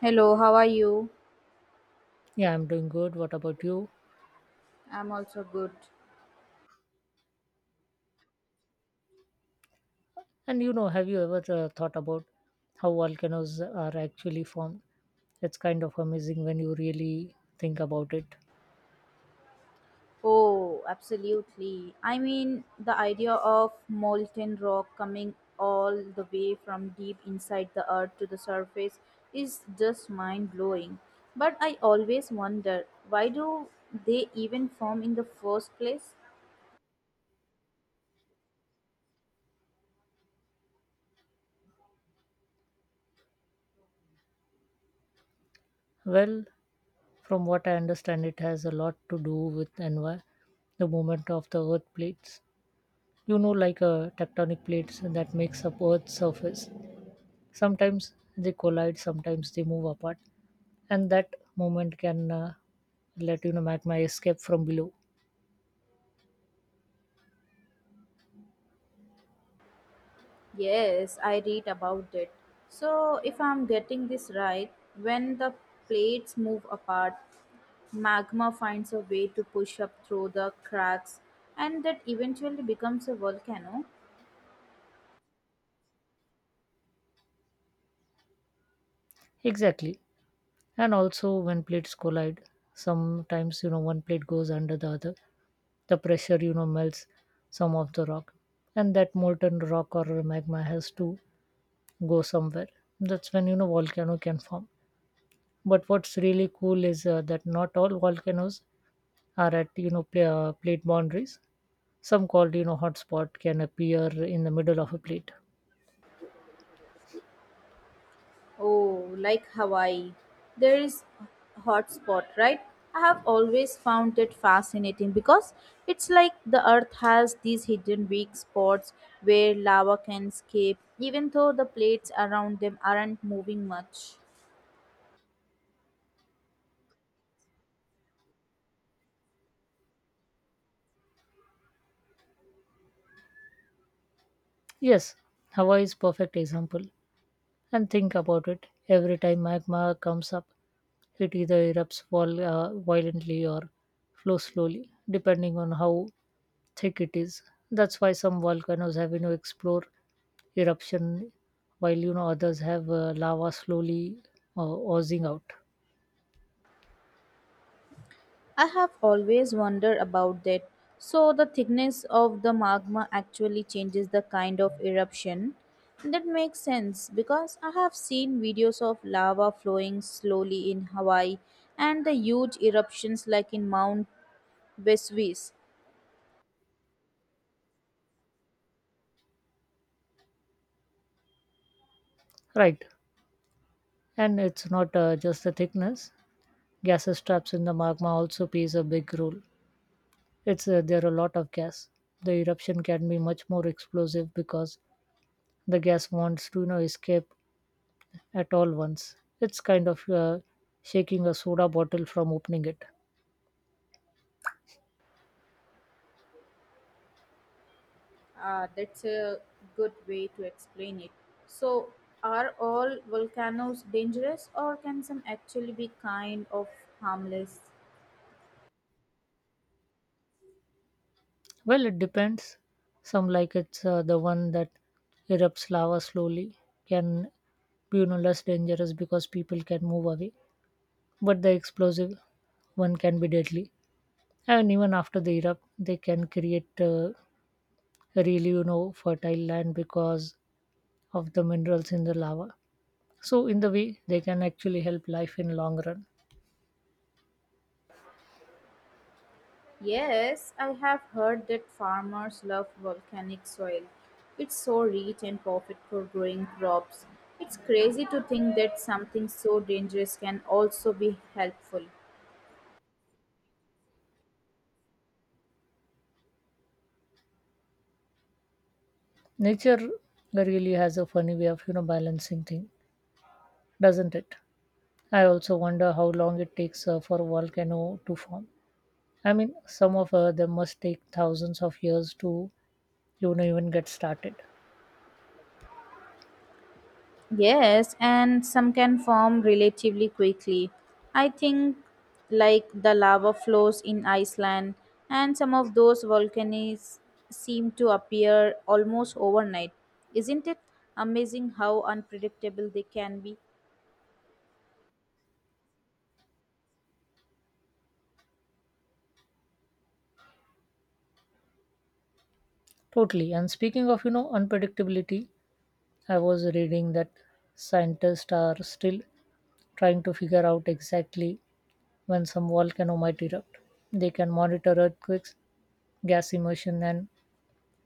Hello, how are you? Yeah, I'm doing good. What about you? I'm also good. And have you ever thought about how volcanoes are actually formed? It's kind of amazing when you really think about it. Oh, absolutely. I mean, the idea of molten rock coming all the way from deep inside the earth to the surface is just mind blowing. But I always wonder, why do they even form in the first place? Well, from what I understand, it has a lot to do with the movement of the earth plates. You know, like tectonic plates that makes up Earth's surface. Sometimes they collide, sometimes they move apart, and that movement can let magma escape from below. Yes, I read about it. So, if I'm getting this right, when the plates move apart, magma finds a way to push up through the cracks and that eventually becomes a volcano. Exactly. And also when plates collide, sometimes one plate goes under the other, the pressure melts some of the rock, and that molten rock or magma has to go somewhere. That's when volcano can form. But what's really cool is that not all volcanoes are at plate boundaries. Some called hotspot can appear in the middle of a plate. Oh, like Hawaii. There is a hot spot, right? I have always found it fascinating because it's like the earth has these hidden weak spots where lava can escape even though the plates around them aren't moving much. Yes, Hawaii is perfect example. And think about it, every time magma comes up, it either erupts violently or flows slowly depending on how thick it is. That's why some volcanoes have explore eruption, while others have lava slowly oozing out. I have always wondered about that. So, the thickness of the magma actually changes the kind of eruption. That makes sense because I have seen videos of lava flowing slowly in Hawaii and the huge eruptions like in Mount Vesuvius. Right. And it's not just the thickness, gases trapped in the magma also plays a big role. It's There are a lot of gas, the eruption can be much more explosive because the gas wants to escape at all once. It's kind of shaking a soda bottle from opening it. Ah, that's a good way to explain it. So, are all volcanoes dangerous or can some actually be kind of harmless? Well, it depends. Some like it's the one that erupts lava slowly can be, you know, less dangerous because people can move away. But the explosive one can be deadly. And even after they erupt, they can create really fertile land because of the minerals in the lava. So in the way, they can actually help life in long run. Yes, I have heard that farmers love volcanic soil. It's so rich and perfect for growing crops. It's crazy to think that something so dangerous can also be helpful. Nature really has a funny way of balancing things, doesn't it? I also wonder how long it takes for a volcano to form. I mean, some of them must take thousands of years to even get started. Yes, and some can form relatively quickly. I think like the lava flows in Iceland and some of those volcanoes seem to appear almost overnight. Isn't it amazing how unpredictable they can be? Totally. And speaking of unpredictability, I was reading that scientists are still trying to figure out exactly when some volcano might erupt. They can monitor earthquakes, gas immersion, and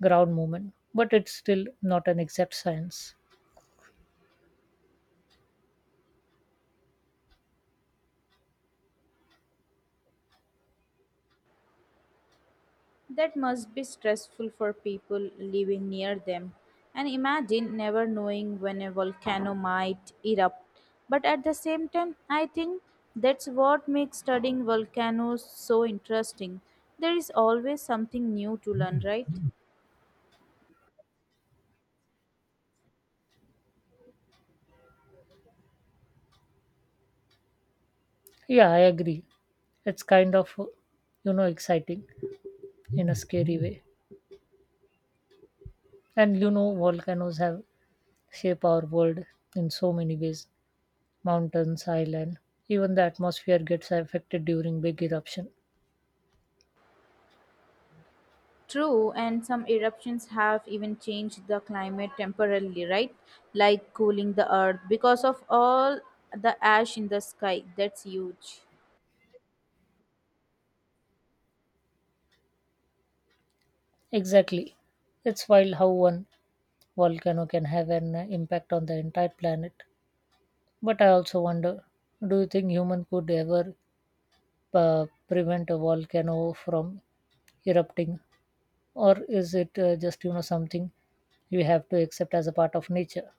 ground movement, but it's still not an exact science. That must be stressful for people living near them. And imagine never knowing when a volcano might erupt. But at the same time, I think that's what makes studying volcanoes so interesting. There is always something new to learn, right? Yeah, I agree. It's kind of, you know, exciting in a scary way. And you know, volcanoes have shaped our world in so many ways. Mountains, island, even the atmosphere gets affected during big eruption. True, and some eruptions have even changed the climate temporarily, right? Like cooling the earth because of all the ash in the sky. That's huge. Exactly. It's wild how one volcano can have an impact on the entire planet. But I also wonder, do you think human could ever prevent a volcano from erupting, or is it just something we have to accept as a part of nature?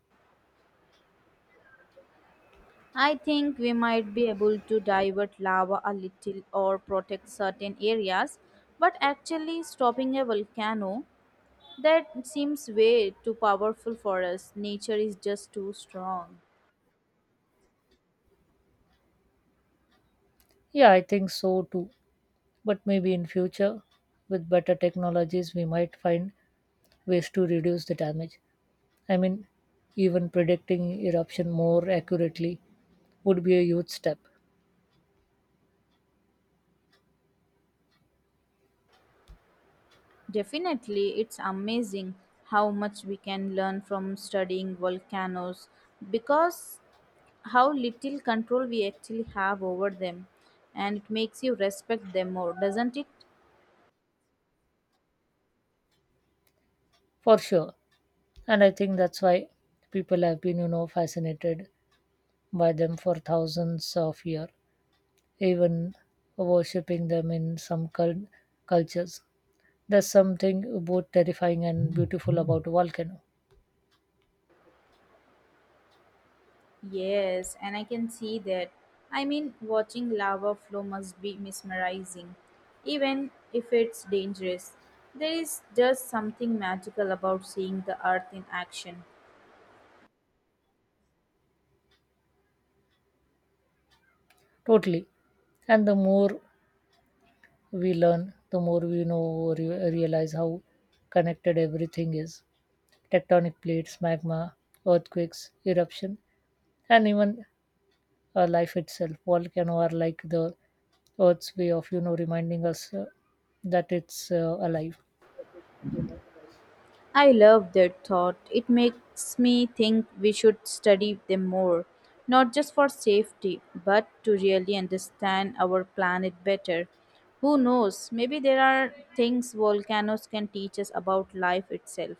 I think we might be able to divert lava a little or protect certain areas, but actually stopping a volcano, that seems way too powerful for us. Nature is just too strong. Yeah, I think so too, but maybe in future with better technologies we might find ways to reduce the damage. I mean, even predicting eruption more accurately would be a huge step. Definitely, it's amazing how much we can learn from studying volcanoes because how little control we actually have over them, and it makes you respect them more, doesn't it? For sure. And I think that's why people have been fascinated by them for thousands of years, even worshipping them in some cultures. There's something both terrifying and beautiful about a volcano. Yes, and I can see that. I mean, watching lava flow must be mesmerizing, even if it's dangerous. There is just something magical about seeing the earth in action. Totally. And the more we learn, the more we know, realize how connected everything is: tectonic plates, magma, earthquakes, eruption, and even life itself. Volcano are like the Earth's way of, you know, reminding us that it's alive. I love that thought. It makes me think we should study them more, not just for safety, but to really understand our planet better. Who knows, maybe there are things volcanoes can teach us about life itself.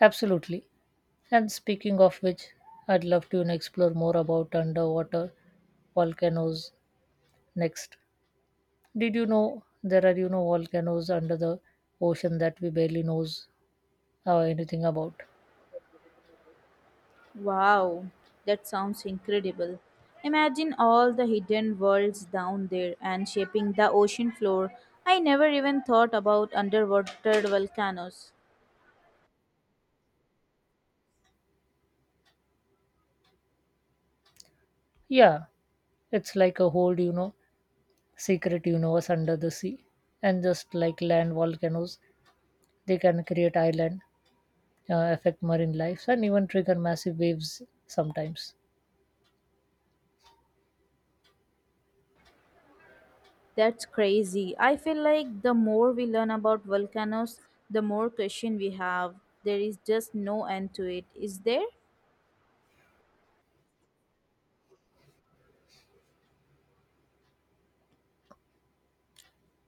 Absolutely. And speaking of which, I'd love to, you know, explore more about underwater volcanoes next. Did you know there are volcanoes under the ocean that we barely knows anything about? Wow, that sounds incredible. Imagine all the hidden worlds down there and shaping the ocean floor. I never even thought about underwater volcanoes. Yeah, it's like a whole secret universe under the sea. And just like land volcanoes, they can create island, affect marine life, and even trigger massive waves sometimes. That's crazy. I feel like the more we learn about volcanoes, the more question we have. There is just no end to it, is there?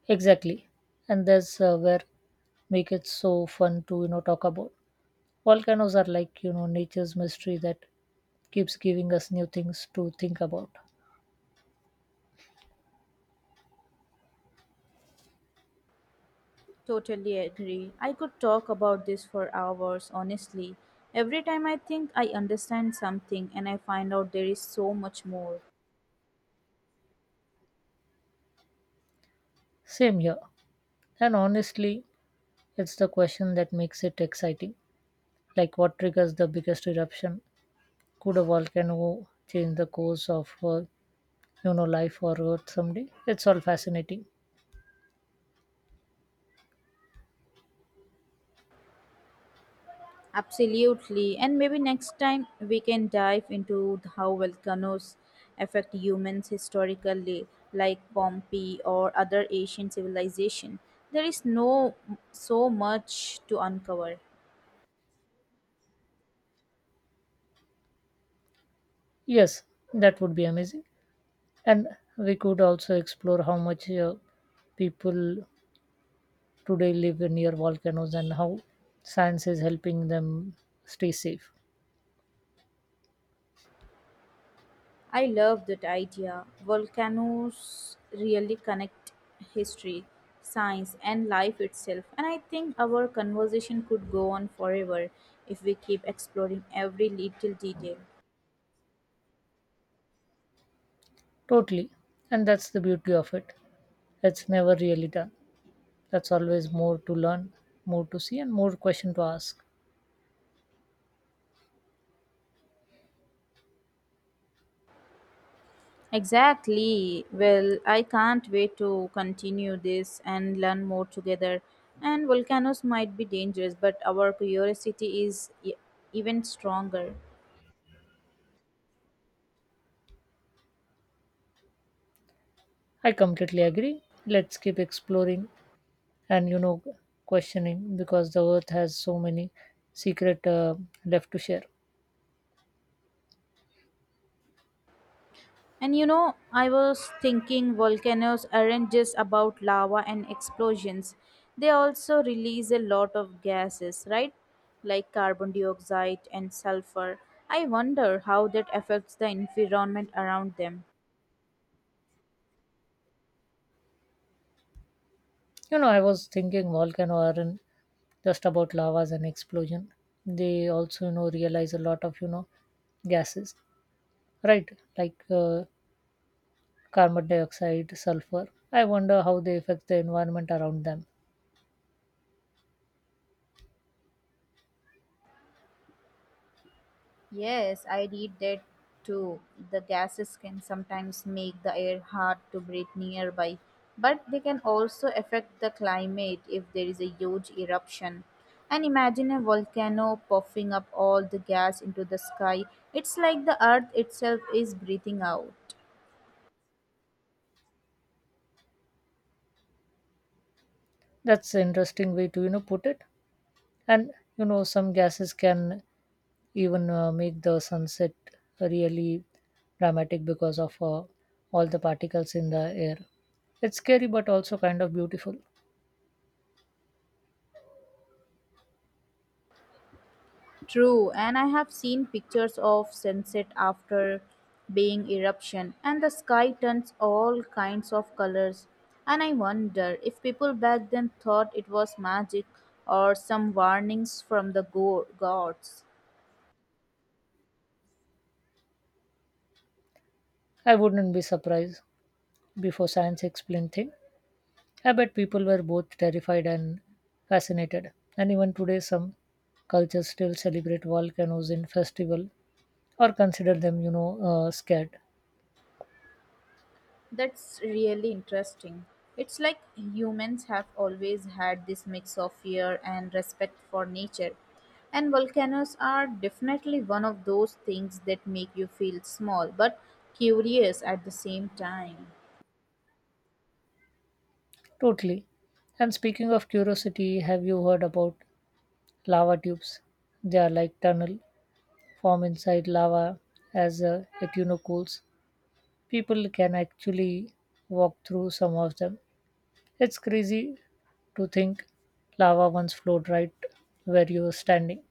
Exactly, and that's where make it so fun to talk about. Volcanoes are like, you know, nature's mystery that keeps giving us new things to think about. Totally agree. I could talk about this for hours, honestly. Every time I think I understand something and I find out there is so much more. Same here. And honestly, it's the question that makes it exciting. Like, what triggers the biggest eruption? Could a volcano change the course of, you know, life or Earth someday? It's all fascinating. Absolutely. And maybe next time we can dive into how volcanoes affect humans historically, like Pompeii or other Asian civilization. There is no so much to uncover. Yes, that would be amazing. And we could also explore how much people today live near volcanoes and how science is helping them stay safe. I love that idea. Volcanoes really connect history, science and life itself. And I think our conversation could go on forever if we keep exploring every little detail. Totally. And that's the beauty of it. It's never really done. That's always more to learn, more to see, and more question to ask. Exactly. Well, I can't wait to continue this and learn more together. And volcanoes might be dangerous, but our curiosity is even stronger. I completely agree. Let's keep exploring and, you know, questioning because the earth has so many secret left to share. And you know, I was thinking volcanoes aren't just about lava and explosions, they also release a lot of gases, right? Like carbon dioxide and sulfur. I wonder how that affects the environment around them. You know, I was thinking volcano aren't just about lavas and explosion. They also, you know, realize a lot of, you know, gases, right? Like carbon dioxide, sulfur. I wonder how they affect the environment around them. Yes, I read that too. The gases can sometimes make the air hard to breathe nearby, but they can also affect the climate if there is a huge eruption. And imagine a volcano puffing up all the gas into the sky. It's like the earth itself is breathing out. That's an interesting way to put it. And you know some gases can even make the sunset really dramatic because of all the particles in the air. It's scary but also kind of beautiful. True, and I have seen pictures of sunset after being eruption, and the sky turns all kinds of colors. And I wonder if people back then thought it was magic or some warnings from the gods. I wouldn't be surprised, before science explained thing. I bet people were both terrified and fascinated. And even today some cultures still celebrate volcanoes in festival or consider them, you know, scared. That's really interesting. It's like humans have always had this mix of fear and respect for nature. And volcanoes are definitely one of those things that make you feel small but curious at the same time. Totally. And speaking of curiosity, have you heard about lava tubes? They are like tunnel form inside lava as it cools. People can actually walk through some of them. It's crazy to think lava once flowed right where you were standing.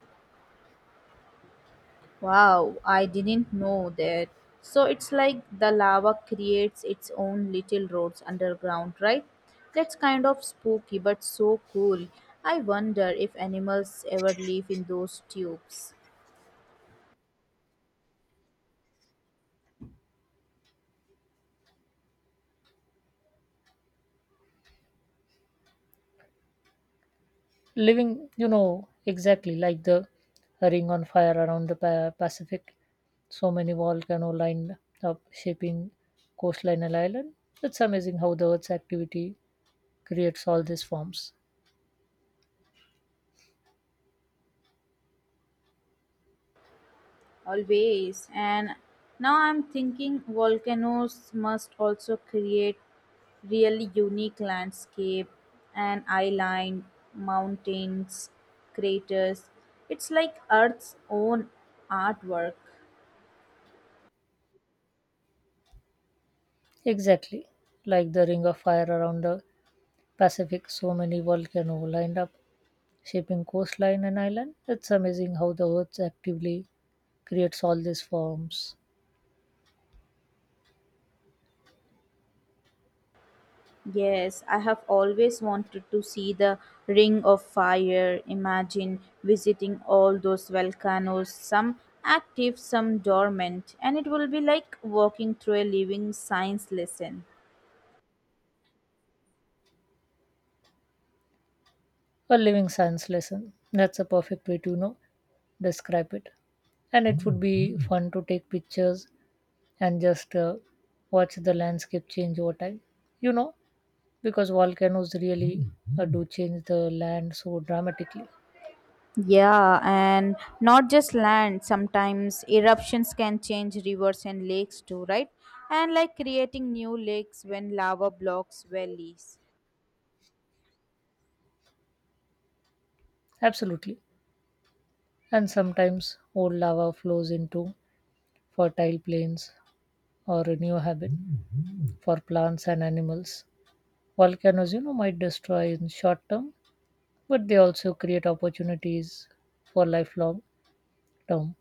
Wow, I didn't know that. So it's like the lava creates its own little roads underground, right? That's kind of spooky but so cool. I wonder if animals ever live in those tubes. Living exactly like the ring on fire around the Pacific, so many volcanoes lined up shaping coastline and island. It's amazing how the earth's activity creates all these forms. Always. And now I'm thinking volcanoes must also create really unique landscape and island, mountains, craters. It's like Earth's own artwork. Exactly, like the ring of fire around the Pacific, so many volcanoes lined up shaping coastline and island. It's amazing how the earth actively creates all these forms. Yes, I have always wanted to see the Ring of Fire. Imagine visiting all those volcanoes, some active, some dormant, and it will be like walking through a living science lesson. A living science lesson. That's a perfect way to describe it. And it would be fun to take pictures and just watch the landscape change over time. You know, because volcanoes really do change the land so dramatically. Yeah, and not just land, sometimes eruptions can change rivers and lakes too, right? And like creating new lakes when lava blocks valleys. Absolutely. And sometimes old lava flows into fertile plains or a new habit for plants and animals. Volcanoes, you know, might destroy in short term, but they also create opportunities for lifelong Tom.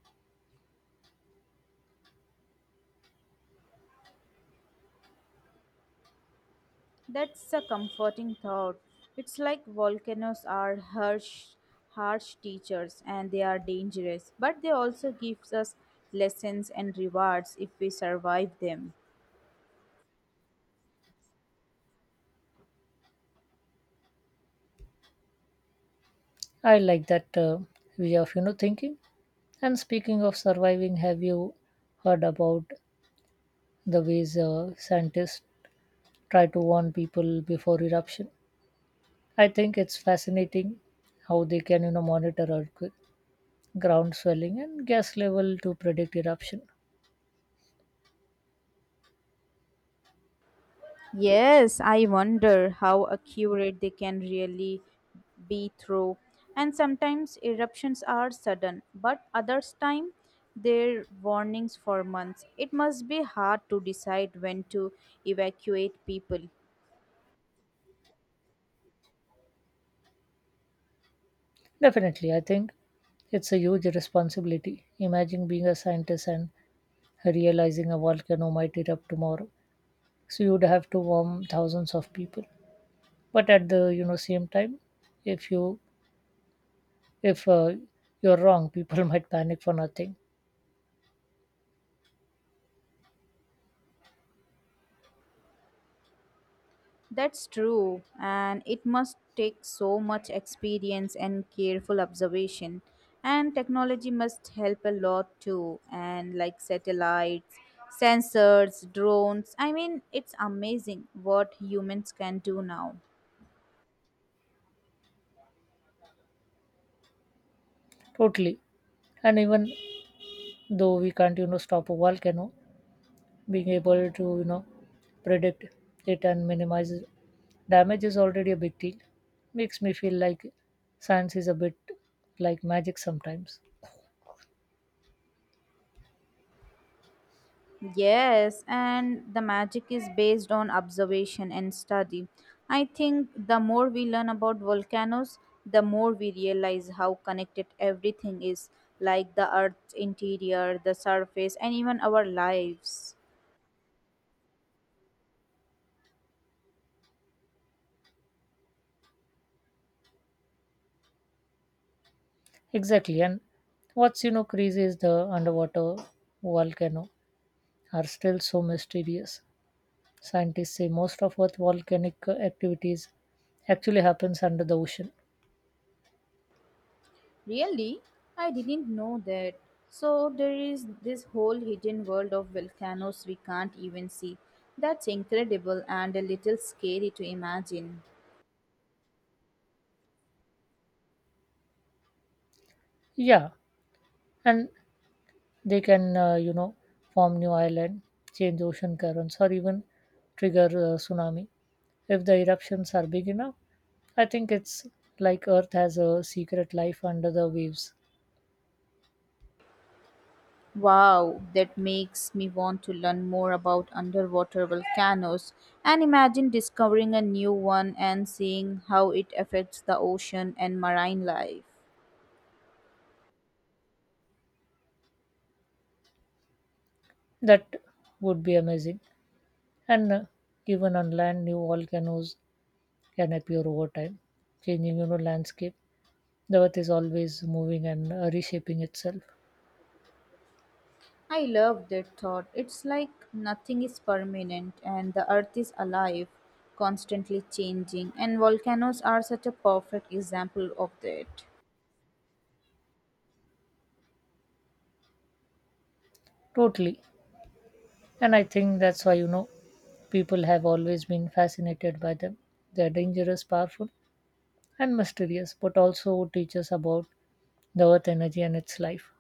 That's a comforting thought. It's like volcanoes are harsh teachers and they are dangerous, but they also gives us lessons and rewards if we survive them. I like that way of thinking. And speaking of surviving, have you heard about the ways scientists try to warn people before eruption? I think it's fascinating how they can monitor earthquake, ground swelling, and gas level to predict eruption. Yes, I wonder how accurate they can really be through. And sometimes eruptions are sudden, but others time they warnings for months. It must be hard to decide when to evacuate people. Definitely, I think it's a huge responsibility. Imagine being a scientist and realizing a volcano might erupt tomorrow. So you'd have to warn thousands of people. But at the, you know, same time, if you if you're wrong, people might panic for nothing. That's true, and it must take so much experience and careful observation. And technology must help a lot too, and like satellites, sensors, drones. I mean, it's amazing what humans can do now. Totally. And even though we can't, you know, stop a volcano, being able to, you know, predict it and minimize damage is already a big deal. Makes me feel like science is a bit like magic sometimes. Yes, and the magic is based on observation and study. I think the more we learn about volcanoes, the more we realize how connected everything is, like the earth's interior, the surface, and even our lives. Exactly. And what's, you know, crazy is the underwater volcano are still so mysterious. Scientists say most of Earth's volcanic activities actually happens under the ocean. Really? I didn't know that. So there is this whole hidden world of volcanoes we can't even see. That's incredible and a little scary to imagine. Yeah, and they can you know form new island, change ocean currents, or even trigger a tsunami if the eruptions are big enough. I think it's like earth has a secret life under the waves. Wow, that makes me want to learn more about underwater volcanoes and imagine discovering a new one and seeing how it affects the ocean and marine life. That would be amazing. And even on land new volcanoes can appear over time, changing landscape. The earth is always moving and reshaping itself. I love that thought. It's like nothing is permanent and the earth is alive, constantly changing, and volcanoes are such a perfect example of that. Totally. And I think that's why, you know, people have always been fascinated by them. They are dangerous, powerful, and mysterious, but also teach us about the earth energy and its life.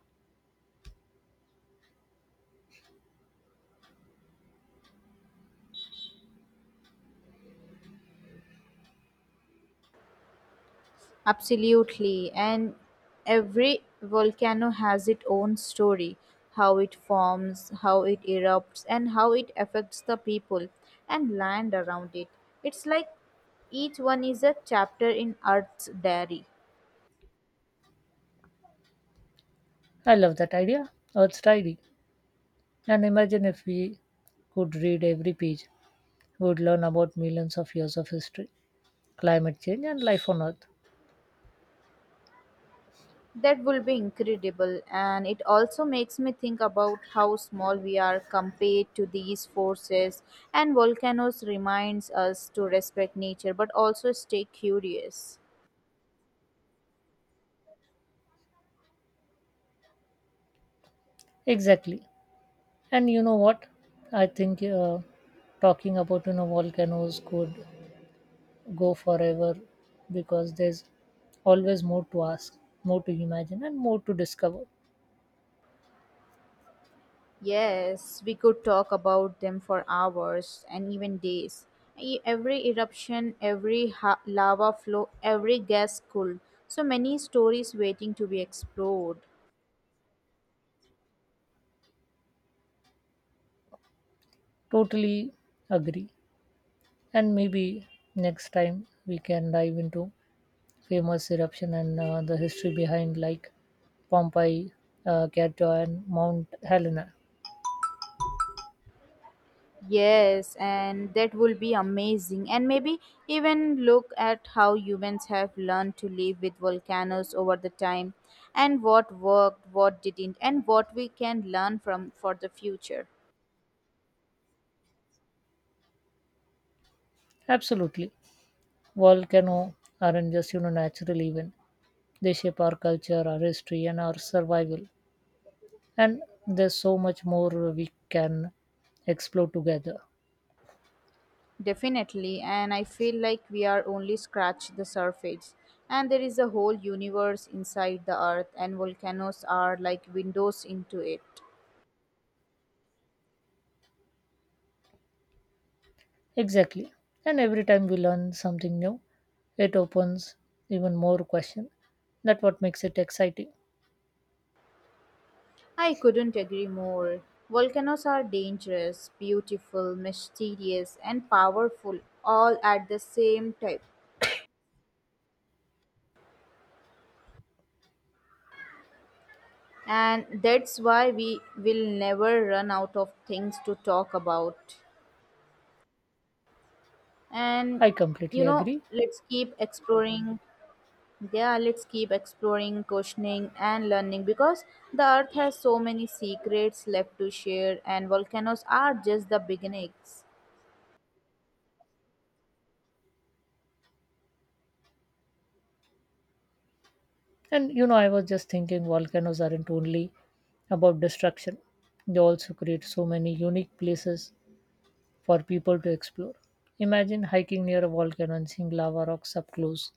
Absolutely. And every volcano has its own story, how it forms, how it erupts, and how it affects the people and land around it. It's like each one is a chapter in Earth's diary. I love that idea, Earth's Diary. And imagine if we could read every page, we would learn about millions of years of history, climate change, and life on Earth. That will be incredible. And it also makes me think about how small we are compared to these forces. And volcanoes reminds us to respect nature but also stay curious. Exactly. And you know what? I think talking about, you know, volcanoes could go forever because there's always more to ask, more to imagine, and more to discover. Yes, we could talk about them for hours and even days. Every eruption, every lava flow, every gas cool. So many stories waiting to be explored. Totally agree. And maybe next time we can dive into famous eruption and the history behind, like Pompeii, Kyoto, and Mount Helena. Yes, and that will be amazing. And maybe even look at how humans have learned to live with volcanoes over the time and what worked, what didn't, and what we can learn from for the future. Absolutely, volcano aren't just, you know, natural event. They shape our culture, our history, and our survival. And there's so much more we can explore together. Definitely, and I feel like we are only scratch the surface. And there is a whole universe inside the earth, and volcanoes are like windows into it. Exactly. And every time we learn something new, it opens even more question. That's what makes it exciting. I couldn't agree more. Volcanoes are dangerous, beautiful, mysterious, and powerful all at the same time. And that's why we will never run out of things to talk about. And I you completely know, agree. let's keep exploring. Yeah, let's keep exploring, questioning, and learning because the earth has so many secrets left to share, and volcanoes are just the beginnings. And you know, I was just thinking volcanoes aren't only about destruction. They also create so many unique places for people to explore. Imagine hiking near a volcano and seeing lava rocks up close.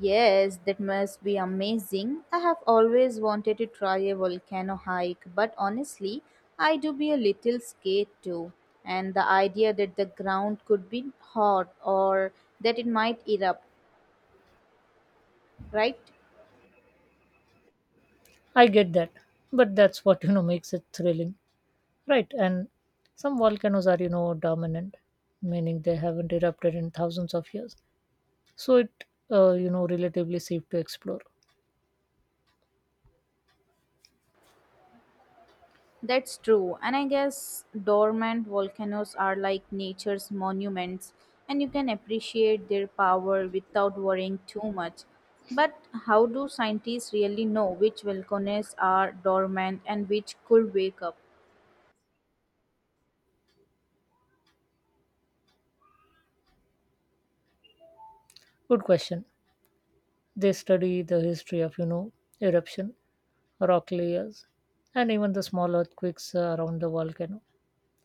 Yes, that must be amazing. I have always wanted to try a volcano hike, but honestly, I do be a little scared too. And the idea that the ground could be hot or that it might erupt, right? I get that, but that's what, you know, makes it thrilling, right? And some volcanoes are, you know, dominant, meaning they haven't erupted in thousands of years. So it you know relatively safe to explore. That's true. And I guess dormant volcanoes are like nature's monuments, and you can appreciate their power without worrying too much. But how do scientists really know which volcanoes are dormant and which could wake up? Good question. They study the history of, you know, eruption, rock layers, and even the small earthquakes around the volcano.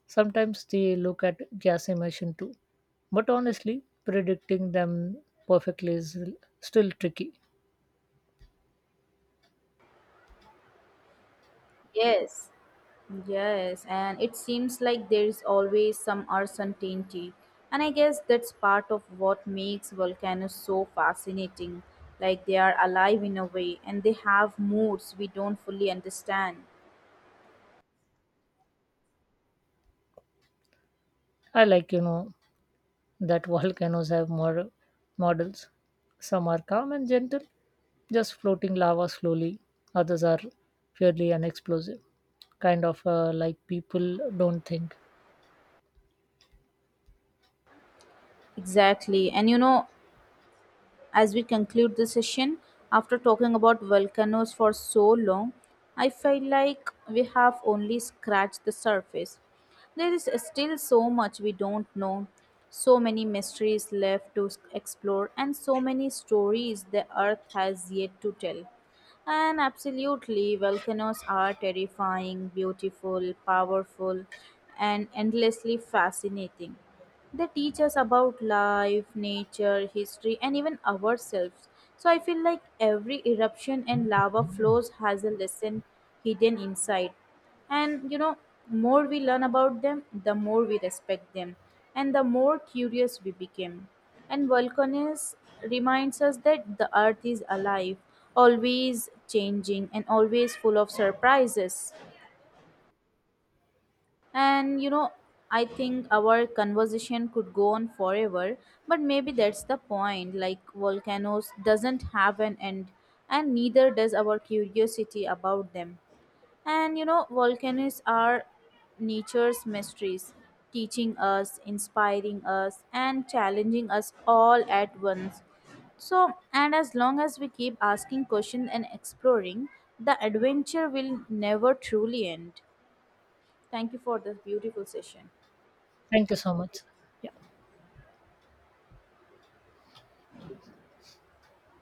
Sometimes they look at gas emission too, but honestly predicting them perfectly is still tricky. Yes, yes, and it seems like there's always some uncertainty. And I guess that's part of what makes volcanoes so fascinating. Like they are alive in a way and they have moods we don't fully understand. I like, you know, that volcanoes have models. Some are calm and gentle, just floating lava slowly. Others are fairly unexplosive, kind of like people don't think. Exactly. And you know, as we conclude the session, after talking about volcanoes for so long, I feel like we have only scratched the surface. There is still so much we don't know, so many mysteries left to explore, and so many stories the earth has yet to tell. And absolutely, volcanoes are terrifying, beautiful, powerful, and endlessly fascinating. They teach us about life, nature, history, and even ourselves. So I feel like every eruption and lava flows has a lesson hidden inside. And you know, more we learn about them, the more we respect them, and the more curious we became. And volcanoes reminds us that the earth is alive, always changing, and always full of surprises. And you know, I think our conversation could go on forever, but maybe that's the point. Like volcanoes doesn't have an end, and neither does our curiosity about them. And you know, volcanoes are nature's mysteries, teaching us, inspiring us, and challenging us all at once. So, and as long as we keep asking questions and exploring, the adventure will never truly end. Thank you for this beautiful session. Thank you so much. Yeah.